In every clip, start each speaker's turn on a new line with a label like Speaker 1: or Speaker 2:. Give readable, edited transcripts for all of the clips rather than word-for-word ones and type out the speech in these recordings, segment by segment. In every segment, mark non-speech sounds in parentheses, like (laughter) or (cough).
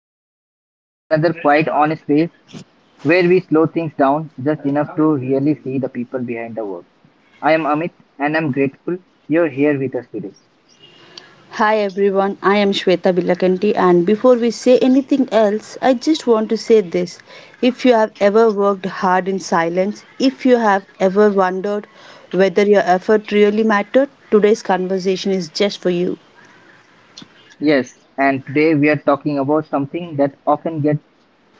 Speaker 1: welcome. Welcome to another quiet, honest space where we slow things down just enough to really see the people behind the work. I am Amit, and I'm grateful you're here with us today.
Speaker 2: Hi everyone, I am Shweta Bilakanti and before we say anything else, I just want to say this. If you have ever worked hard in silence, if you have ever wondered whether your effort really mattered, today's conversation is just for you.
Speaker 1: Yes, and today we are talking about something that often gets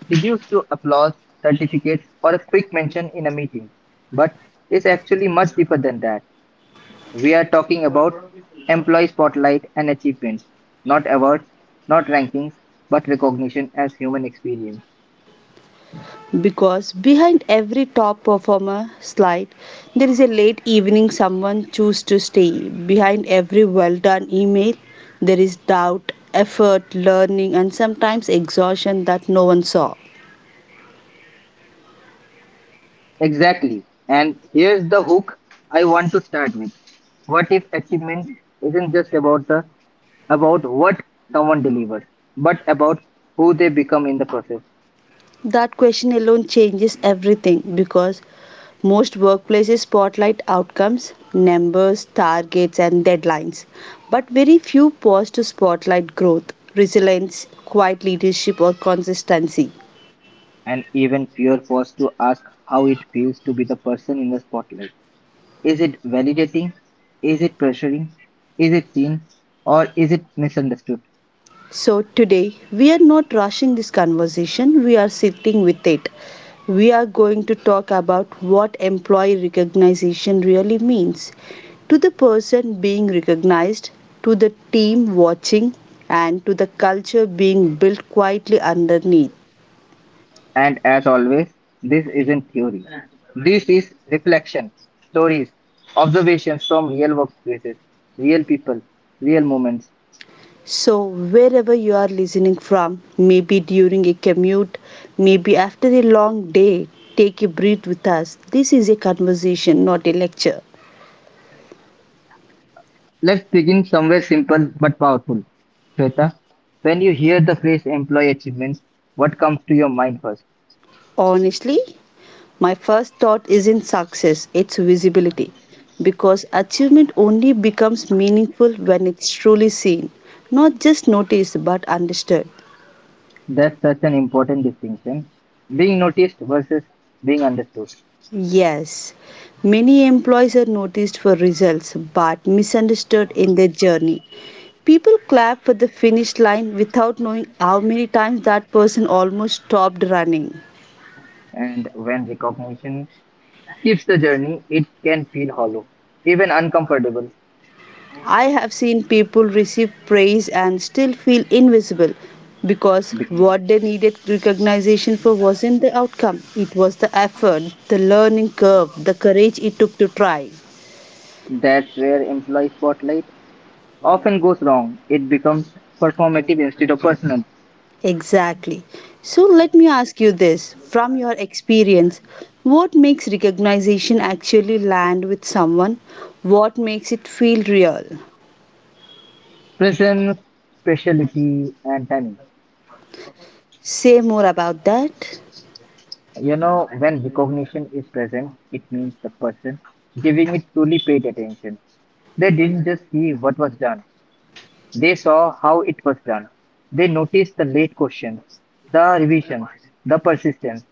Speaker 1: reduced to applause, certificates, or a quick mention in a meeting, but is actually much deeper than that. We are talking about employee spotlight and achievements, not awards, not rankings, but recognition as human experience.
Speaker 2: Because behind every top performer slide, there is a late evening someone choose to stay. Behind every well done email, there is doubt, effort, learning, and sometimes exhaustion that no one saw.
Speaker 1: Exactly. And here's the hook I want to start with. What if achievement isn't just about the about what someone delivers, but about who they become in the process?
Speaker 2: That question alone changes everything because most workplaces spotlight outcomes, numbers, targets, and deadlines. But very few pause to spotlight growth, resilience, quiet leadership, or consistency.
Speaker 1: And even fear forced to ask how it feels to be the person in the spotlight. Is it validating? Is it pressuring? Is it seen? Or is it misunderstood?
Speaker 2: So, today we are not rushing this conversation, we are sitting with it. We are going to talk about what employee recognition really means to the person being recognized, to the team watching, and to the culture being built quietly underneath.
Speaker 1: And as always, this isn't theory. This is reflection, stories, observations from real workplaces, real people, real moments.
Speaker 2: So, wherever you are listening from, maybe during a commute, maybe after a long day, take a breath with us. This is a conversation, not a lecture.
Speaker 1: Let's begin somewhere simple but powerful. Shweta, when you hear the phrase employee achievements, what comes to your mind first?
Speaker 2: Honestly, my first thought isn't success, it's visibility. Because achievement only becomes meaningful when it's truly seen, not just noticed but understood.
Speaker 1: That's such an important distinction. Being noticed versus being understood.
Speaker 2: Yes, many employees are noticed for results but misunderstood in their journey. People clap for the finish line without knowing how many times that person almost stopped running.
Speaker 1: And when recognition keeps the journey, it can feel hollow, even uncomfortable.
Speaker 2: I have seen people receive praise and still feel invisible because
Speaker 1: Because
Speaker 2: what they needed recognition for wasn't the outcome, it was the effort, the learning curve, the courage it took to try.
Speaker 1: That's where employee spotlight often goes wrong. It becomes performative instead of personal.
Speaker 2: Exactly. So let me ask you this from your experience, what makes recognition actually land with someone? What makes it feel real?
Speaker 1: Presence, speciality, and timing.
Speaker 2: Say more about that.
Speaker 1: You know, when recognition is present, it means the person giving it truly paid attention. They didn't just see what was done, they saw how it was done. They noticed the late questions, the revisions, the persistence.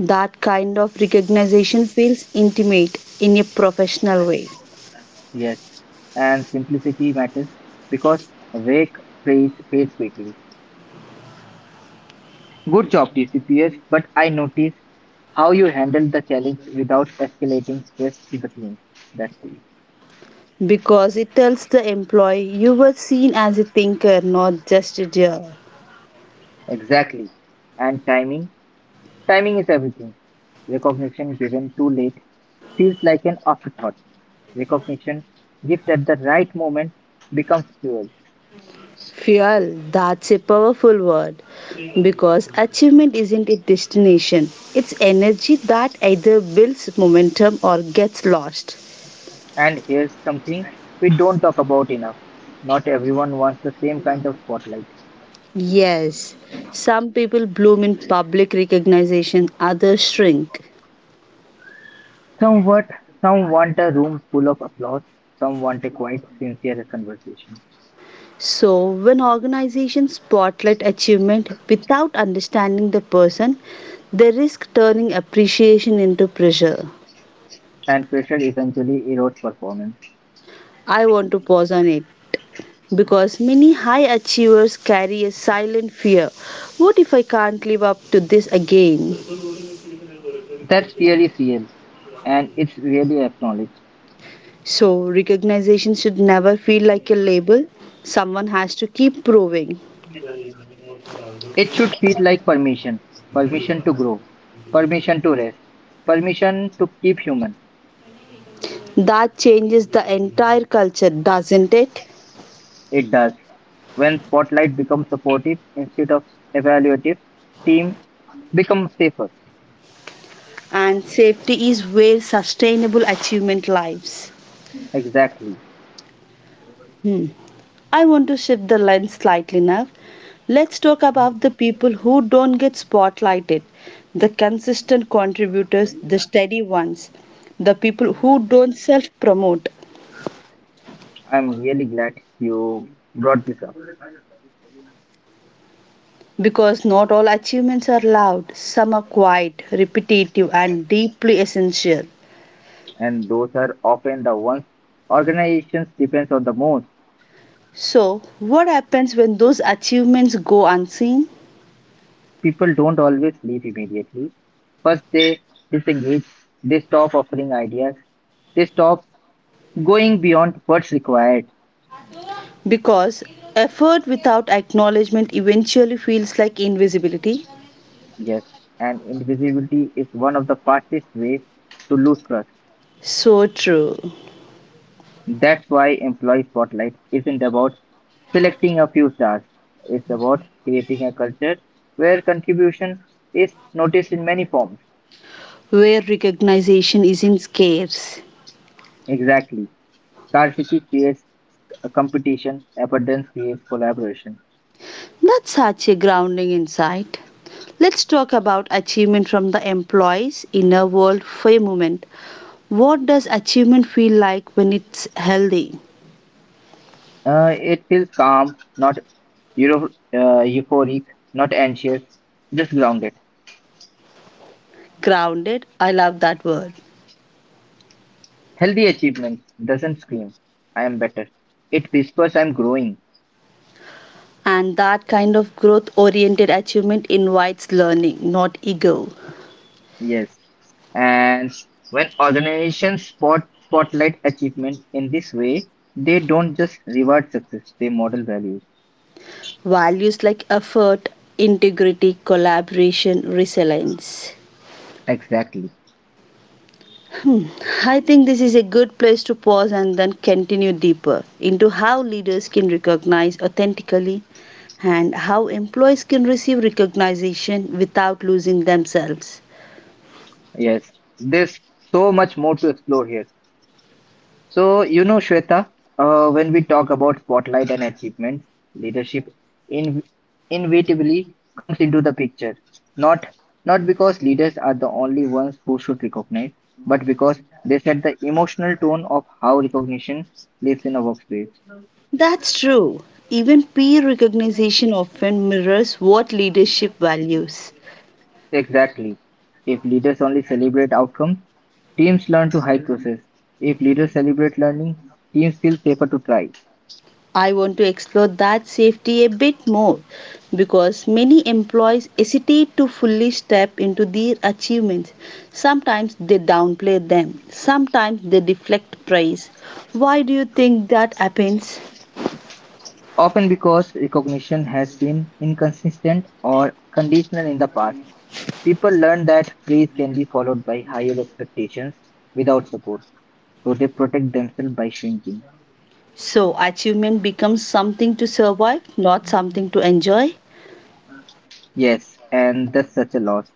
Speaker 2: That kind of recognition feels intimate in a professional way.
Speaker 1: Yes, and simplicity matters because vague praise fades quickly. Good job, TCPS, but I noticed how you handled the challenge without escalating stress to the team. That's it.
Speaker 2: Because it tells the employee you were seen as a thinker, not just a doer.
Speaker 1: Exactly. And timing. Timing is everything. Recognition given too late feels like an afterthought. Recognition gift at the right moment becomes fuel.
Speaker 2: Fuel, that's a powerful word because achievement isn't a destination, it's energy that either builds momentum or gets lost.
Speaker 1: And here's something we don't talk about enough. Not everyone wants the same kind of spotlight.
Speaker 2: Yes, some people bloom in public recognition, others shrink.
Speaker 1: Some what, some want a room full of applause, some want a quiet, sincere conversation.
Speaker 2: So, when organizations spotlight achievement without understanding the person, they risk turning appreciation into pressure.
Speaker 1: And pressure eventually erodes performance.
Speaker 2: I want to pause on it because many high achievers carry a silent fear, what if I can't live up to this again?
Speaker 1: That fear is real, and it's really acknowledged.
Speaker 2: So, recognition should never feel like a label, someone has to keep proving.
Speaker 1: It should feel like permission, permission to grow, permission to rest, permission to keep human.
Speaker 2: That changes the entire culture, doesn't it?
Speaker 1: It does. When spotlight becomes supportive instead of evaluative, teams become safer.
Speaker 2: And safety is where sustainable achievement lies.
Speaker 1: Exactly.
Speaker 2: Hmm. I want to shift the lens slightly now. Let's talk about the people who don't get spotlighted, the consistent contributors, the steady ones, the people who don't self promote.
Speaker 1: I'm really glad you brought this up.
Speaker 2: Because not all achievements are loud, some are quiet, repetitive, and deeply essential.
Speaker 1: And those are often the ones organizations depends on the most.
Speaker 2: So, what happens when those achievements go unseen?
Speaker 1: People don't always leave immediately. First, they disengage, they stop offering ideas, they stop going beyond what's required.
Speaker 2: Because effort without acknowledgement eventually feels like invisibility.
Speaker 1: Yes, and invisibility is one of the fastest ways to lose trust.
Speaker 2: So true.
Speaker 1: That's why employee spotlight isn't about selecting a few stars. It's about creating a culture where contribution is noticed in many forms.
Speaker 2: Where recognition isn't scarce.
Speaker 1: Exactly. Scarcity creates a competition, abundance creates collaboration.
Speaker 2: That's such a grounding insight. Let's talk about achievement from the employee's inner world for a moment. What does achievement feel like when it's healthy?
Speaker 1: It feels calm, not euphoric, not anxious, just grounded.
Speaker 2: Grounded, I love that word.
Speaker 1: Healthy achievement doesn't scream, I am better. It whispers, I'm growing.
Speaker 2: And that kind of growth oriented achievement invites learning, not ego.
Speaker 1: Yes. And when organizations spotlight achievement in this way, they don't just reward success, they model values.
Speaker 2: Values like effort, integrity, collaboration, resilience.
Speaker 1: Exactly.
Speaker 2: I think this is a good place to pause and then continue deeper into how leaders can recognize authentically and how employees can receive recognition without losing themselves.
Speaker 1: Yes. There's so much more to explore here. So, you know, Shweta, when we talk about spotlight and achievements, leadership in, inevitably comes into the picture. Not Not because leaders are the only ones who should recognize, but because they set the emotional tone of how recognition lives in a workspace.
Speaker 2: That's true. Even peer recognition often mirrors what leadership values.
Speaker 1: Exactly. If leaders only celebrate outcomes, teams learn to hide process. If leaders celebrate learning, teams feel safer to try.
Speaker 2: I want to explore that safety a bit more because many employees hesitate to fully step into their achievements. Sometimes they downplay them, sometimes they deflect praise. Why do you think that happens?
Speaker 1: Often because recognition has been inconsistent or conditional in the past, people learn that praise can be followed by higher expectations without support, so they protect themselves by shrinking.
Speaker 2: So, achievement becomes something to survive, not something to enjoy.
Speaker 1: Yes, and that's such a loss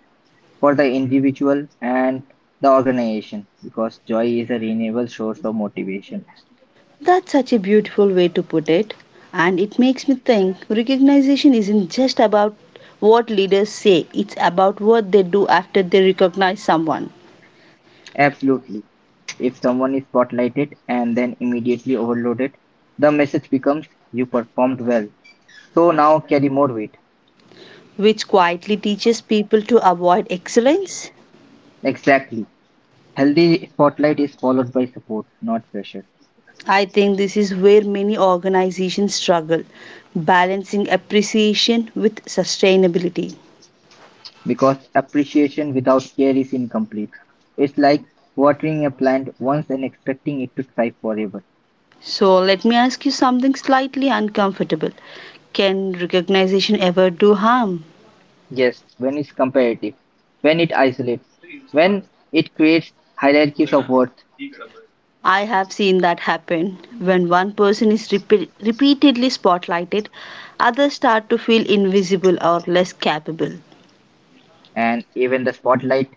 Speaker 1: for the individual and the organization because joy is a renewable source of motivation.
Speaker 2: That's such a beautiful way to put it. And it makes me think recognition isn't just about what leaders say, it's about what they do after they recognize someone.
Speaker 1: Absolutely. If someone is spotlighted and then immediately overloaded, the message becomes you performed well, so now carry more weight.
Speaker 2: Which quietly teaches people to avoid excellence.
Speaker 1: Exactly. Healthy spotlight is followed by support, not pressure,
Speaker 2: I think this is where many organizations struggle, balancing appreciation with sustainability.
Speaker 1: because appreciation without care is incomplete. It's like watering a plant once and expecting it to thrive forever.
Speaker 2: So, let me ask you something slightly uncomfortable. Can recognition ever do harm?
Speaker 1: Yes, when it's comparative, when it isolates, when it creates hierarchies of worth,
Speaker 2: I have seen that happen. When one person is repeatedly spotlighted, others start to feel invisible or less capable.
Speaker 1: and even the spotlight,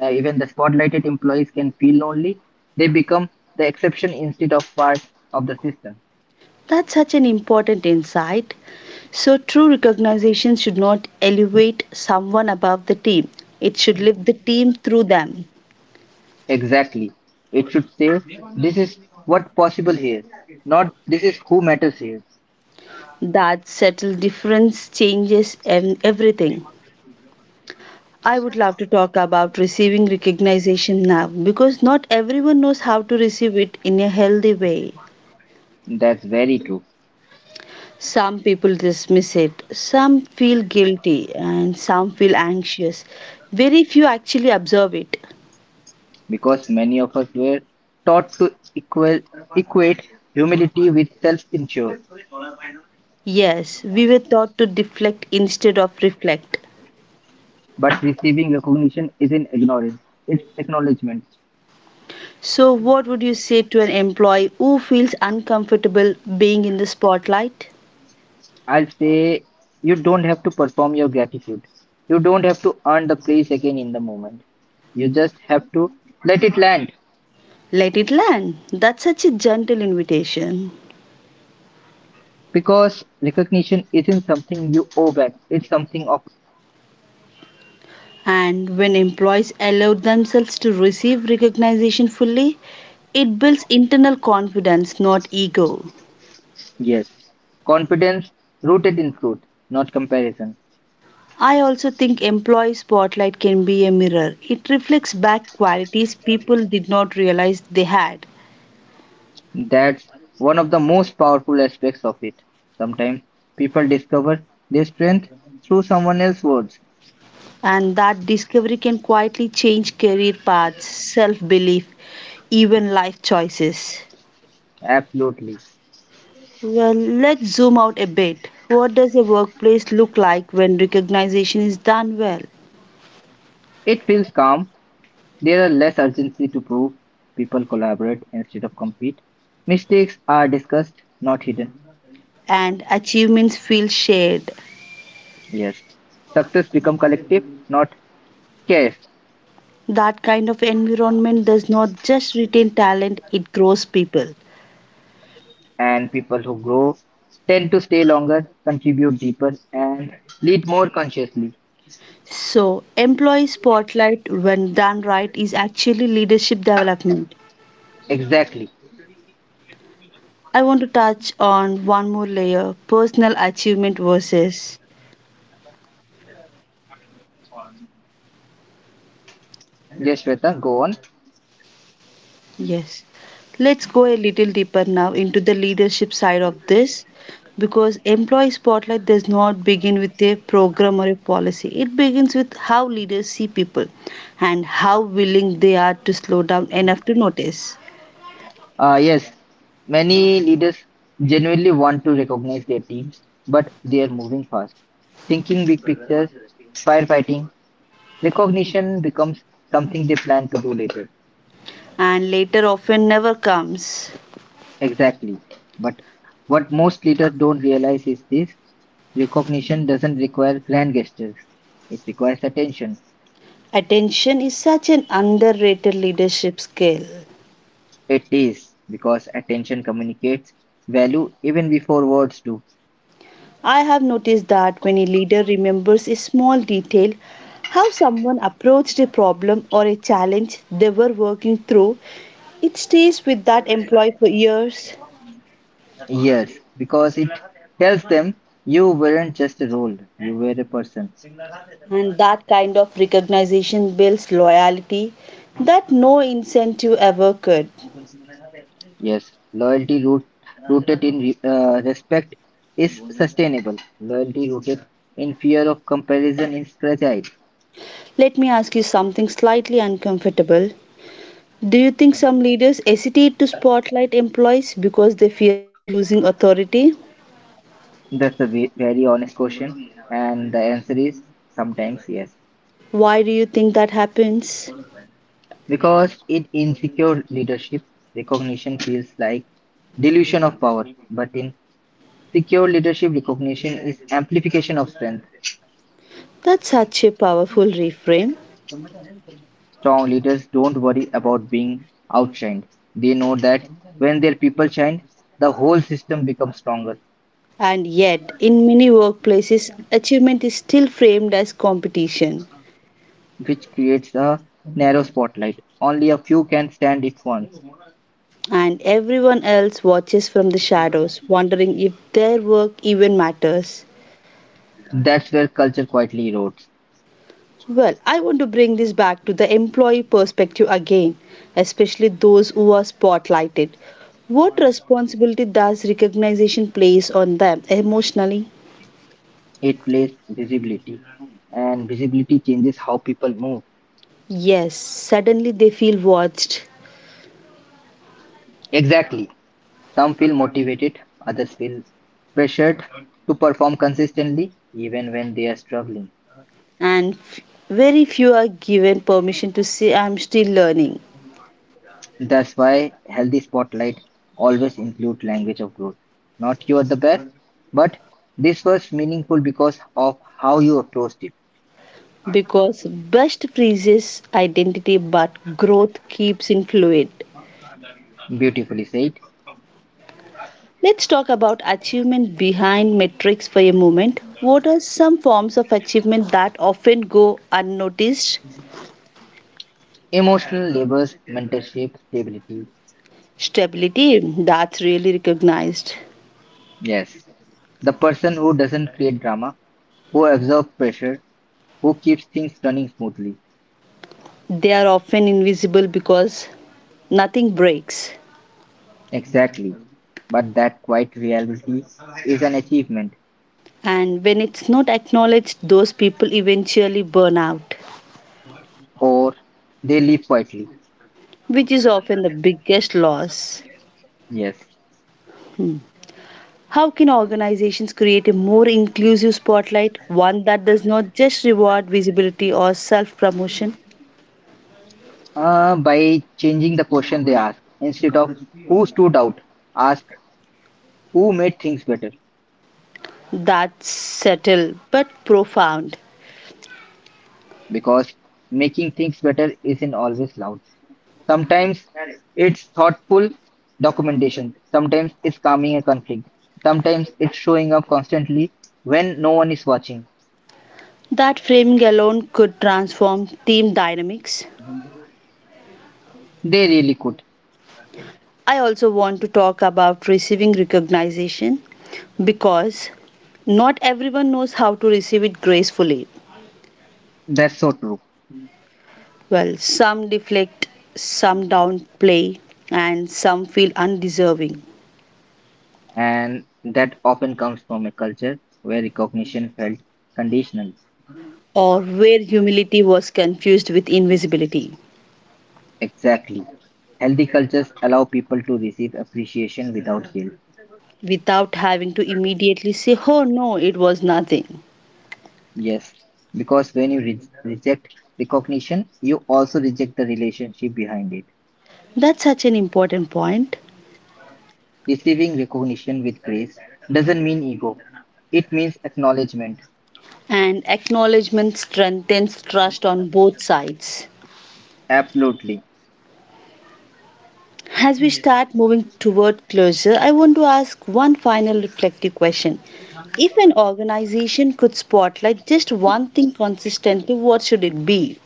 Speaker 1: uh, even the spotlighted employees can feel lonely. They become the exception instead of part of the system.
Speaker 2: That's such an important insight. So, true recognition should not elevate someone above the team, it should lift the team through them.
Speaker 1: Exactly. It should say, this is what possible here. Not this is who matters here.
Speaker 2: That subtle difference changes everything. I would love to talk about receiving recognition now because not everyone knows how to receive it in a healthy way.
Speaker 1: That's very true
Speaker 2: Some people dismiss it, some feel guilty, and some feel anxious. Very few actually observe it.
Speaker 1: because many of us were taught to equal, equate humility with self insure.
Speaker 2: Yes, we were taught to deflect instead of reflect.
Speaker 1: But receiving recognition isn't ignorance, it's acknowledgement.
Speaker 2: So, what would you say to an employee who feels uncomfortable being in the spotlight?
Speaker 1: I'll say you don't have to perform your gratitude. You don't have to earn the praise again in the moment. You just have to let it land
Speaker 2: Let it land. That's such a gentle invitation.
Speaker 1: because recognition isn't something you owe back, it's something.
Speaker 2: And when employees allow themselves to receive recognition fully, it builds internal confidence, not ego.
Speaker 1: Yes, confidence rooted in truth, not comparison.
Speaker 2: I also think employee spotlight can be a mirror. It reflects back qualities people did not realize they had.
Speaker 1: That's one of the most powerful aspects of it. Sometimes people discover their strength through someone else's words.
Speaker 2: And that discovery can quietly change career paths, self belief, even life choices.
Speaker 1: Absolutely.
Speaker 2: Well, let's zoom out a bit. What does a workplace look like when recognition is done well
Speaker 1: It feels calm. There are less urgency to prove. People collaborate instead of compete. Mistakes are discussed, not hidden.
Speaker 2: and achievements feel shared?
Speaker 1: Yes. Success become collective, not scarce.
Speaker 2: That kind of environment does not just retain talent, it grows people.
Speaker 1: And people who grow tend to stay longer, contribute deeper, and lead more consciously.
Speaker 2: So, employee spotlight, when done right, is actually leadership development.
Speaker 1: Exactly.
Speaker 2: I want to touch on one more layer, personal achievement versus...
Speaker 1: Yes, Shweta, go on.
Speaker 2: Yes. Let's go a little deeper now into the leadership side of this because employee spotlight does not begin with a program or a policy. It begins with how leaders see people and how willing they are to slow down enough to notice.
Speaker 1: Yes, many leaders genuinely want to recognize their teams, but they are moving fast. Thinking big pictures, firefighting, recognition becomes something they plan to do later.
Speaker 2: And later often never comes.
Speaker 1: Exactly. But what most leaders don't realize is this: recognition doesn't require grand gestures, it requires attention.
Speaker 2: Attention is such an underrated leadership skill.
Speaker 1: It is because attention communicates value even before words do.
Speaker 2: I have noticed that when a leader remembers a small detail, how someone approached a problem or a challenge they were working through, it stays with that employee for years.
Speaker 1: Yes, because it tells them you weren't just a role, you were a person.
Speaker 2: And that kind of recognition builds loyalty that no incentive ever could.
Speaker 1: Yes, rooted in respect is sustainable. Loyalty rooted in fear of comparison is fragile.
Speaker 2: Let me ask you something slightly uncomfortable. Do you think some leaders hesitate to spotlight employees because they fear losing authority?
Speaker 1: That's a very honest question, and the answer is sometimes yes.
Speaker 2: Why do you think that happens?
Speaker 1: Because in insecure leadership, recognition feels like dilution of power, but in secure leadership, recognition is amplification of strength.
Speaker 2: That's such a powerful reframe.
Speaker 1: Strong leaders don't worry about being outshined. They know that when their people shine, the whole system becomes stronger,
Speaker 2: And yet, in many workplaces, achievement is still framed as competition,
Speaker 1: which creates a narrow spotlight. Only a few can stand it once.
Speaker 2: and everyone else watches from the shadows, wondering if their work even matters.
Speaker 1: That's where culture quietly erodes.
Speaker 2: Well, I want to bring this back to the employee perspective again, especially those who are spotlighted. What responsibility does recognition place on them emotionally?
Speaker 1: It plays visibility, and visibility changes how people move.
Speaker 2: Yes, suddenly they feel watched,
Speaker 1: Exactly. Some feel motivated, others feel pressured to perform consistently even when they are struggling.
Speaker 2: and very few are given permission to say I'm still learning,
Speaker 1: That's why healthy spotlight always include language of growth. Not you are the best, but this was meaningful because of how you approached it.
Speaker 2: because best freezes identity but growth keeps in fluid.
Speaker 1: Beautifully said.
Speaker 2: Let's talk about achievement behind metrics for a moment. What are some forms of achievement that often go unnoticed?
Speaker 1: Emotional labors, mentorship, stability.
Speaker 2: Stability, that's really recognized.
Speaker 1: Yes. The person who doesn't create drama, who absorbs pressure, who keeps things running smoothly.
Speaker 2: They are often invisible because nothing breaks.
Speaker 1: Exactly. But that quiet reality is an achievement,
Speaker 2: And when it's not acknowledged, those people eventually burn out,
Speaker 1: or they live quietly.
Speaker 2: which is often the biggest loss.
Speaker 1: Yes.
Speaker 2: How can organizations create a more inclusive spotlight, one that does not just reward visibility or self promotion?
Speaker 1: By changing the question they ask, instead of who stood out, ask who made things better.
Speaker 2: That's subtle but profound.
Speaker 1: Because making things better isn't always loud. Sometimes it's thoughtful documentation, sometimes it's calming a conflict, sometimes it's showing up constantly when no one is watching.
Speaker 2: That framing alone could transform team dynamics.
Speaker 1: They really could.
Speaker 2: I also want to talk about receiving recognition because not everyone knows how to receive it gracefully.
Speaker 1: That's so true.
Speaker 2: Well, some deflect, some downplay, and some feel undeserving.
Speaker 1: And that often comes from a culture where recognition felt conditional.
Speaker 2: Or where humility was confused with invisibility,
Speaker 1: Exactly. Healthy cultures allow people to receive appreciation without guilt.
Speaker 2: without having to immediately say, oh no, it was nothing.
Speaker 1: Yes, because when you reject recognition, you also reject the relationship behind it.
Speaker 2: That's such an important point.
Speaker 1: Receiving recognition with grace doesn't mean ego, it means acknowledgement.
Speaker 2: And acknowledgement strengthens trust on both sides.
Speaker 1: Absolutely.
Speaker 2: As we start moving toward closure, I want to ask one final reflective question. If an organization could spotlight just one thing consistently, what should it be?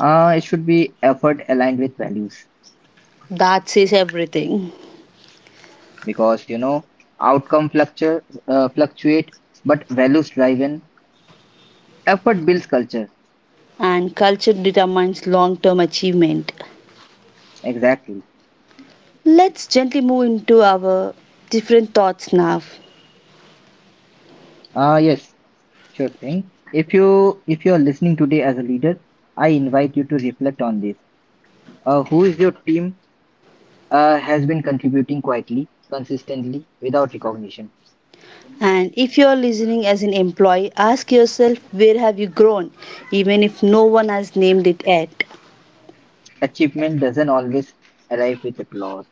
Speaker 1: It should be effort aligned with values
Speaker 2: That says everything.
Speaker 1: because you know fluctuate, but values driven effort builds culture.
Speaker 2: And culture determines long term achievement.
Speaker 1: Exactly.
Speaker 2: Let's gently move into our different thoughts now.
Speaker 1: Yes, sure thing. If you if you're listening today as a leader, I invite you to reflect on this. Who is your team has been contributing quietly, consistently without recognition?
Speaker 2: And if you're listening as an employee, ask yourself, where have you grown, even if no one has named it yet.
Speaker 1: Achievement doesn't always arrive with applause,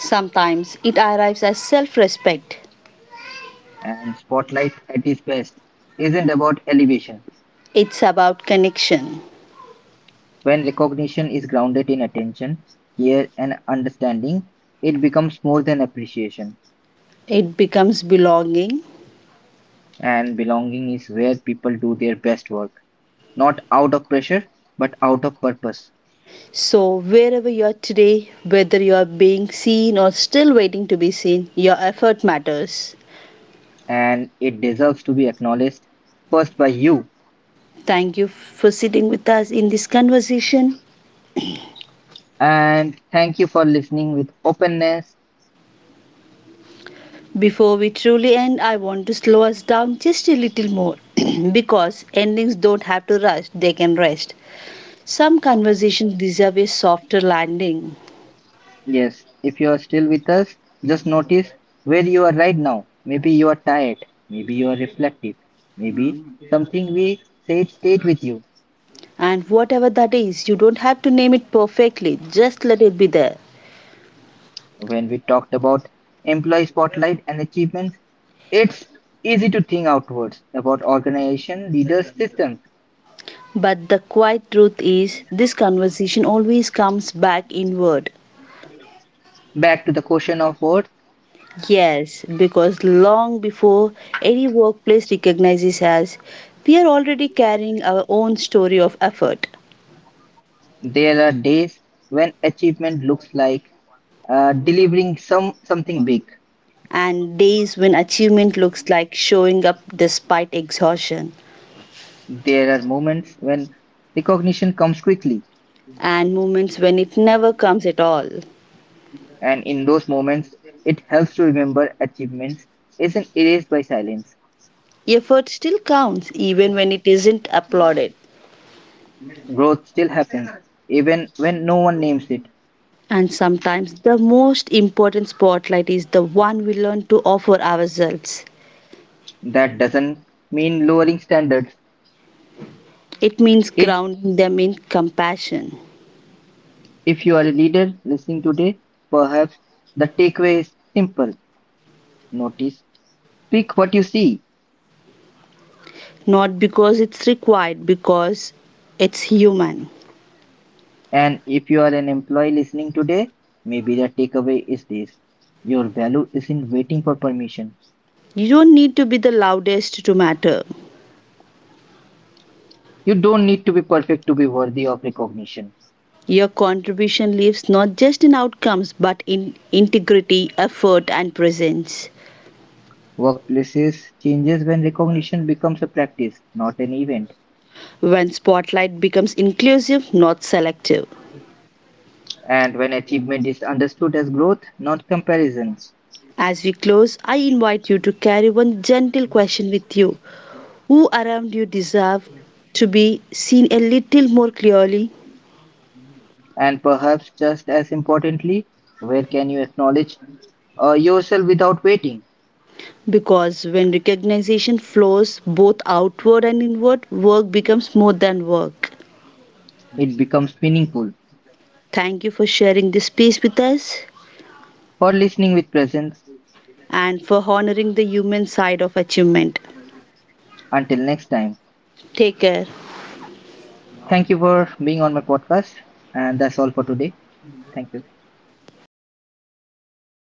Speaker 2: Sometimes it arrives as self respect,
Speaker 1: and spotlight at its best isn't about elevation.
Speaker 2: it's about connection,
Speaker 1: When recognition is grounded in attention, care and understanding, it becomes more than appreciation,
Speaker 2: it becomes belonging.
Speaker 1: and belonging is where people do their best work, not out of pressure, but out of purpose.
Speaker 2: So, wherever you're today, whether you're being seen or still waiting to be seen, your effort matters.
Speaker 1: And it deserves to be acknowledged first by you.
Speaker 2: Thank you for sitting with us in this conversation.
Speaker 1: And thank you for listening with openness.
Speaker 2: Before we truly end, I want to slow us down just a little more (clears throat) because endings don't have to rush, they can rest. Some conversations deserve a softer landing,
Speaker 1: Yes, if you are still with us, just notice where you are right now. Maybe you are tired, maybe you are reflective, maybe something we said stayed with you.
Speaker 2: and whatever that is, you don't have to name it perfectly, just let it be there.
Speaker 1: When we talked about employee spotlight and achievements, it's easy to think outwards about organization, leaders, systems.
Speaker 2: But the quiet truth is, this conversation always comes back inward.
Speaker 1: Back to the question of words.
Speaker 2: Yes, because long before any workplace recognizes us, we are already carrying our own story of effort.
Speaker 1: There are days when achievement looks like delivering some something big.
Speaker 2: And days when achievement looks like showing up despite exhaustion,
Speaker 1: There are moments when recognition comes quickly,
Speaker 2: and moments when it never comes at all.
Speaker 1: and in those moments, it helps to remember achievements isn't erased by silence.
Speaker 2: Effort still counts even when it isn't applauded.
Speaker 1: Growth still happens, even when no one names it.
Speaker 2: And sometimes the most important spotlight is the one we learn to offer ourselves.
Speaker 1: That doesn't mean lowering standards.
Speaker 2: It means
Speaker 1: It,
Speaker 2: grounding them in compassion,
Speaker 1: if you are a leader listening today, perhaps the takeaway is simple: notice, speak what you see.
Speaker 2: not because it's required, because it's human.
Speaker 1: And if you are an employee listening today, maybe the takeaway is this. Your value isn't waiting for permission.
Speaker 2: You don't need to be the loudest to matter.
Speaker 1: You don't need to be perfect to be worthy of recognition.
Speaker 2: Your contribution lives not just in outcomes but in integrity, effort, and presence.
Speaker 1: Workplaces changes when recognition becomes a practice, not an event.
Speaker 2: When spotlight becomes inclusive, not selective.
Speaker 1: And when achievement is understood as growth, not comparisons.
Speaker 2: As we close, I invite you to carry one gentle question with you. Who around you deserve to be seen a little more clearly?
Speaker 1: And perhaps just as importantly, where can you acknowledge yourself without waiting?
Speaker 2: Because when recognition flows both outward and inward, work becomes more than work.
Speaker 1: It becomes meaningful.
Speaker 2: Thank you for sharing this piece with us
Speaker 1: For listening with presence,
Speaker 2: and for honoring the human side of achievement.
Speaker 1: until next time.
Speaker 2: ठीक है
Speaker 1: Thank you for being on my podcast. And that's all for today. Thank you.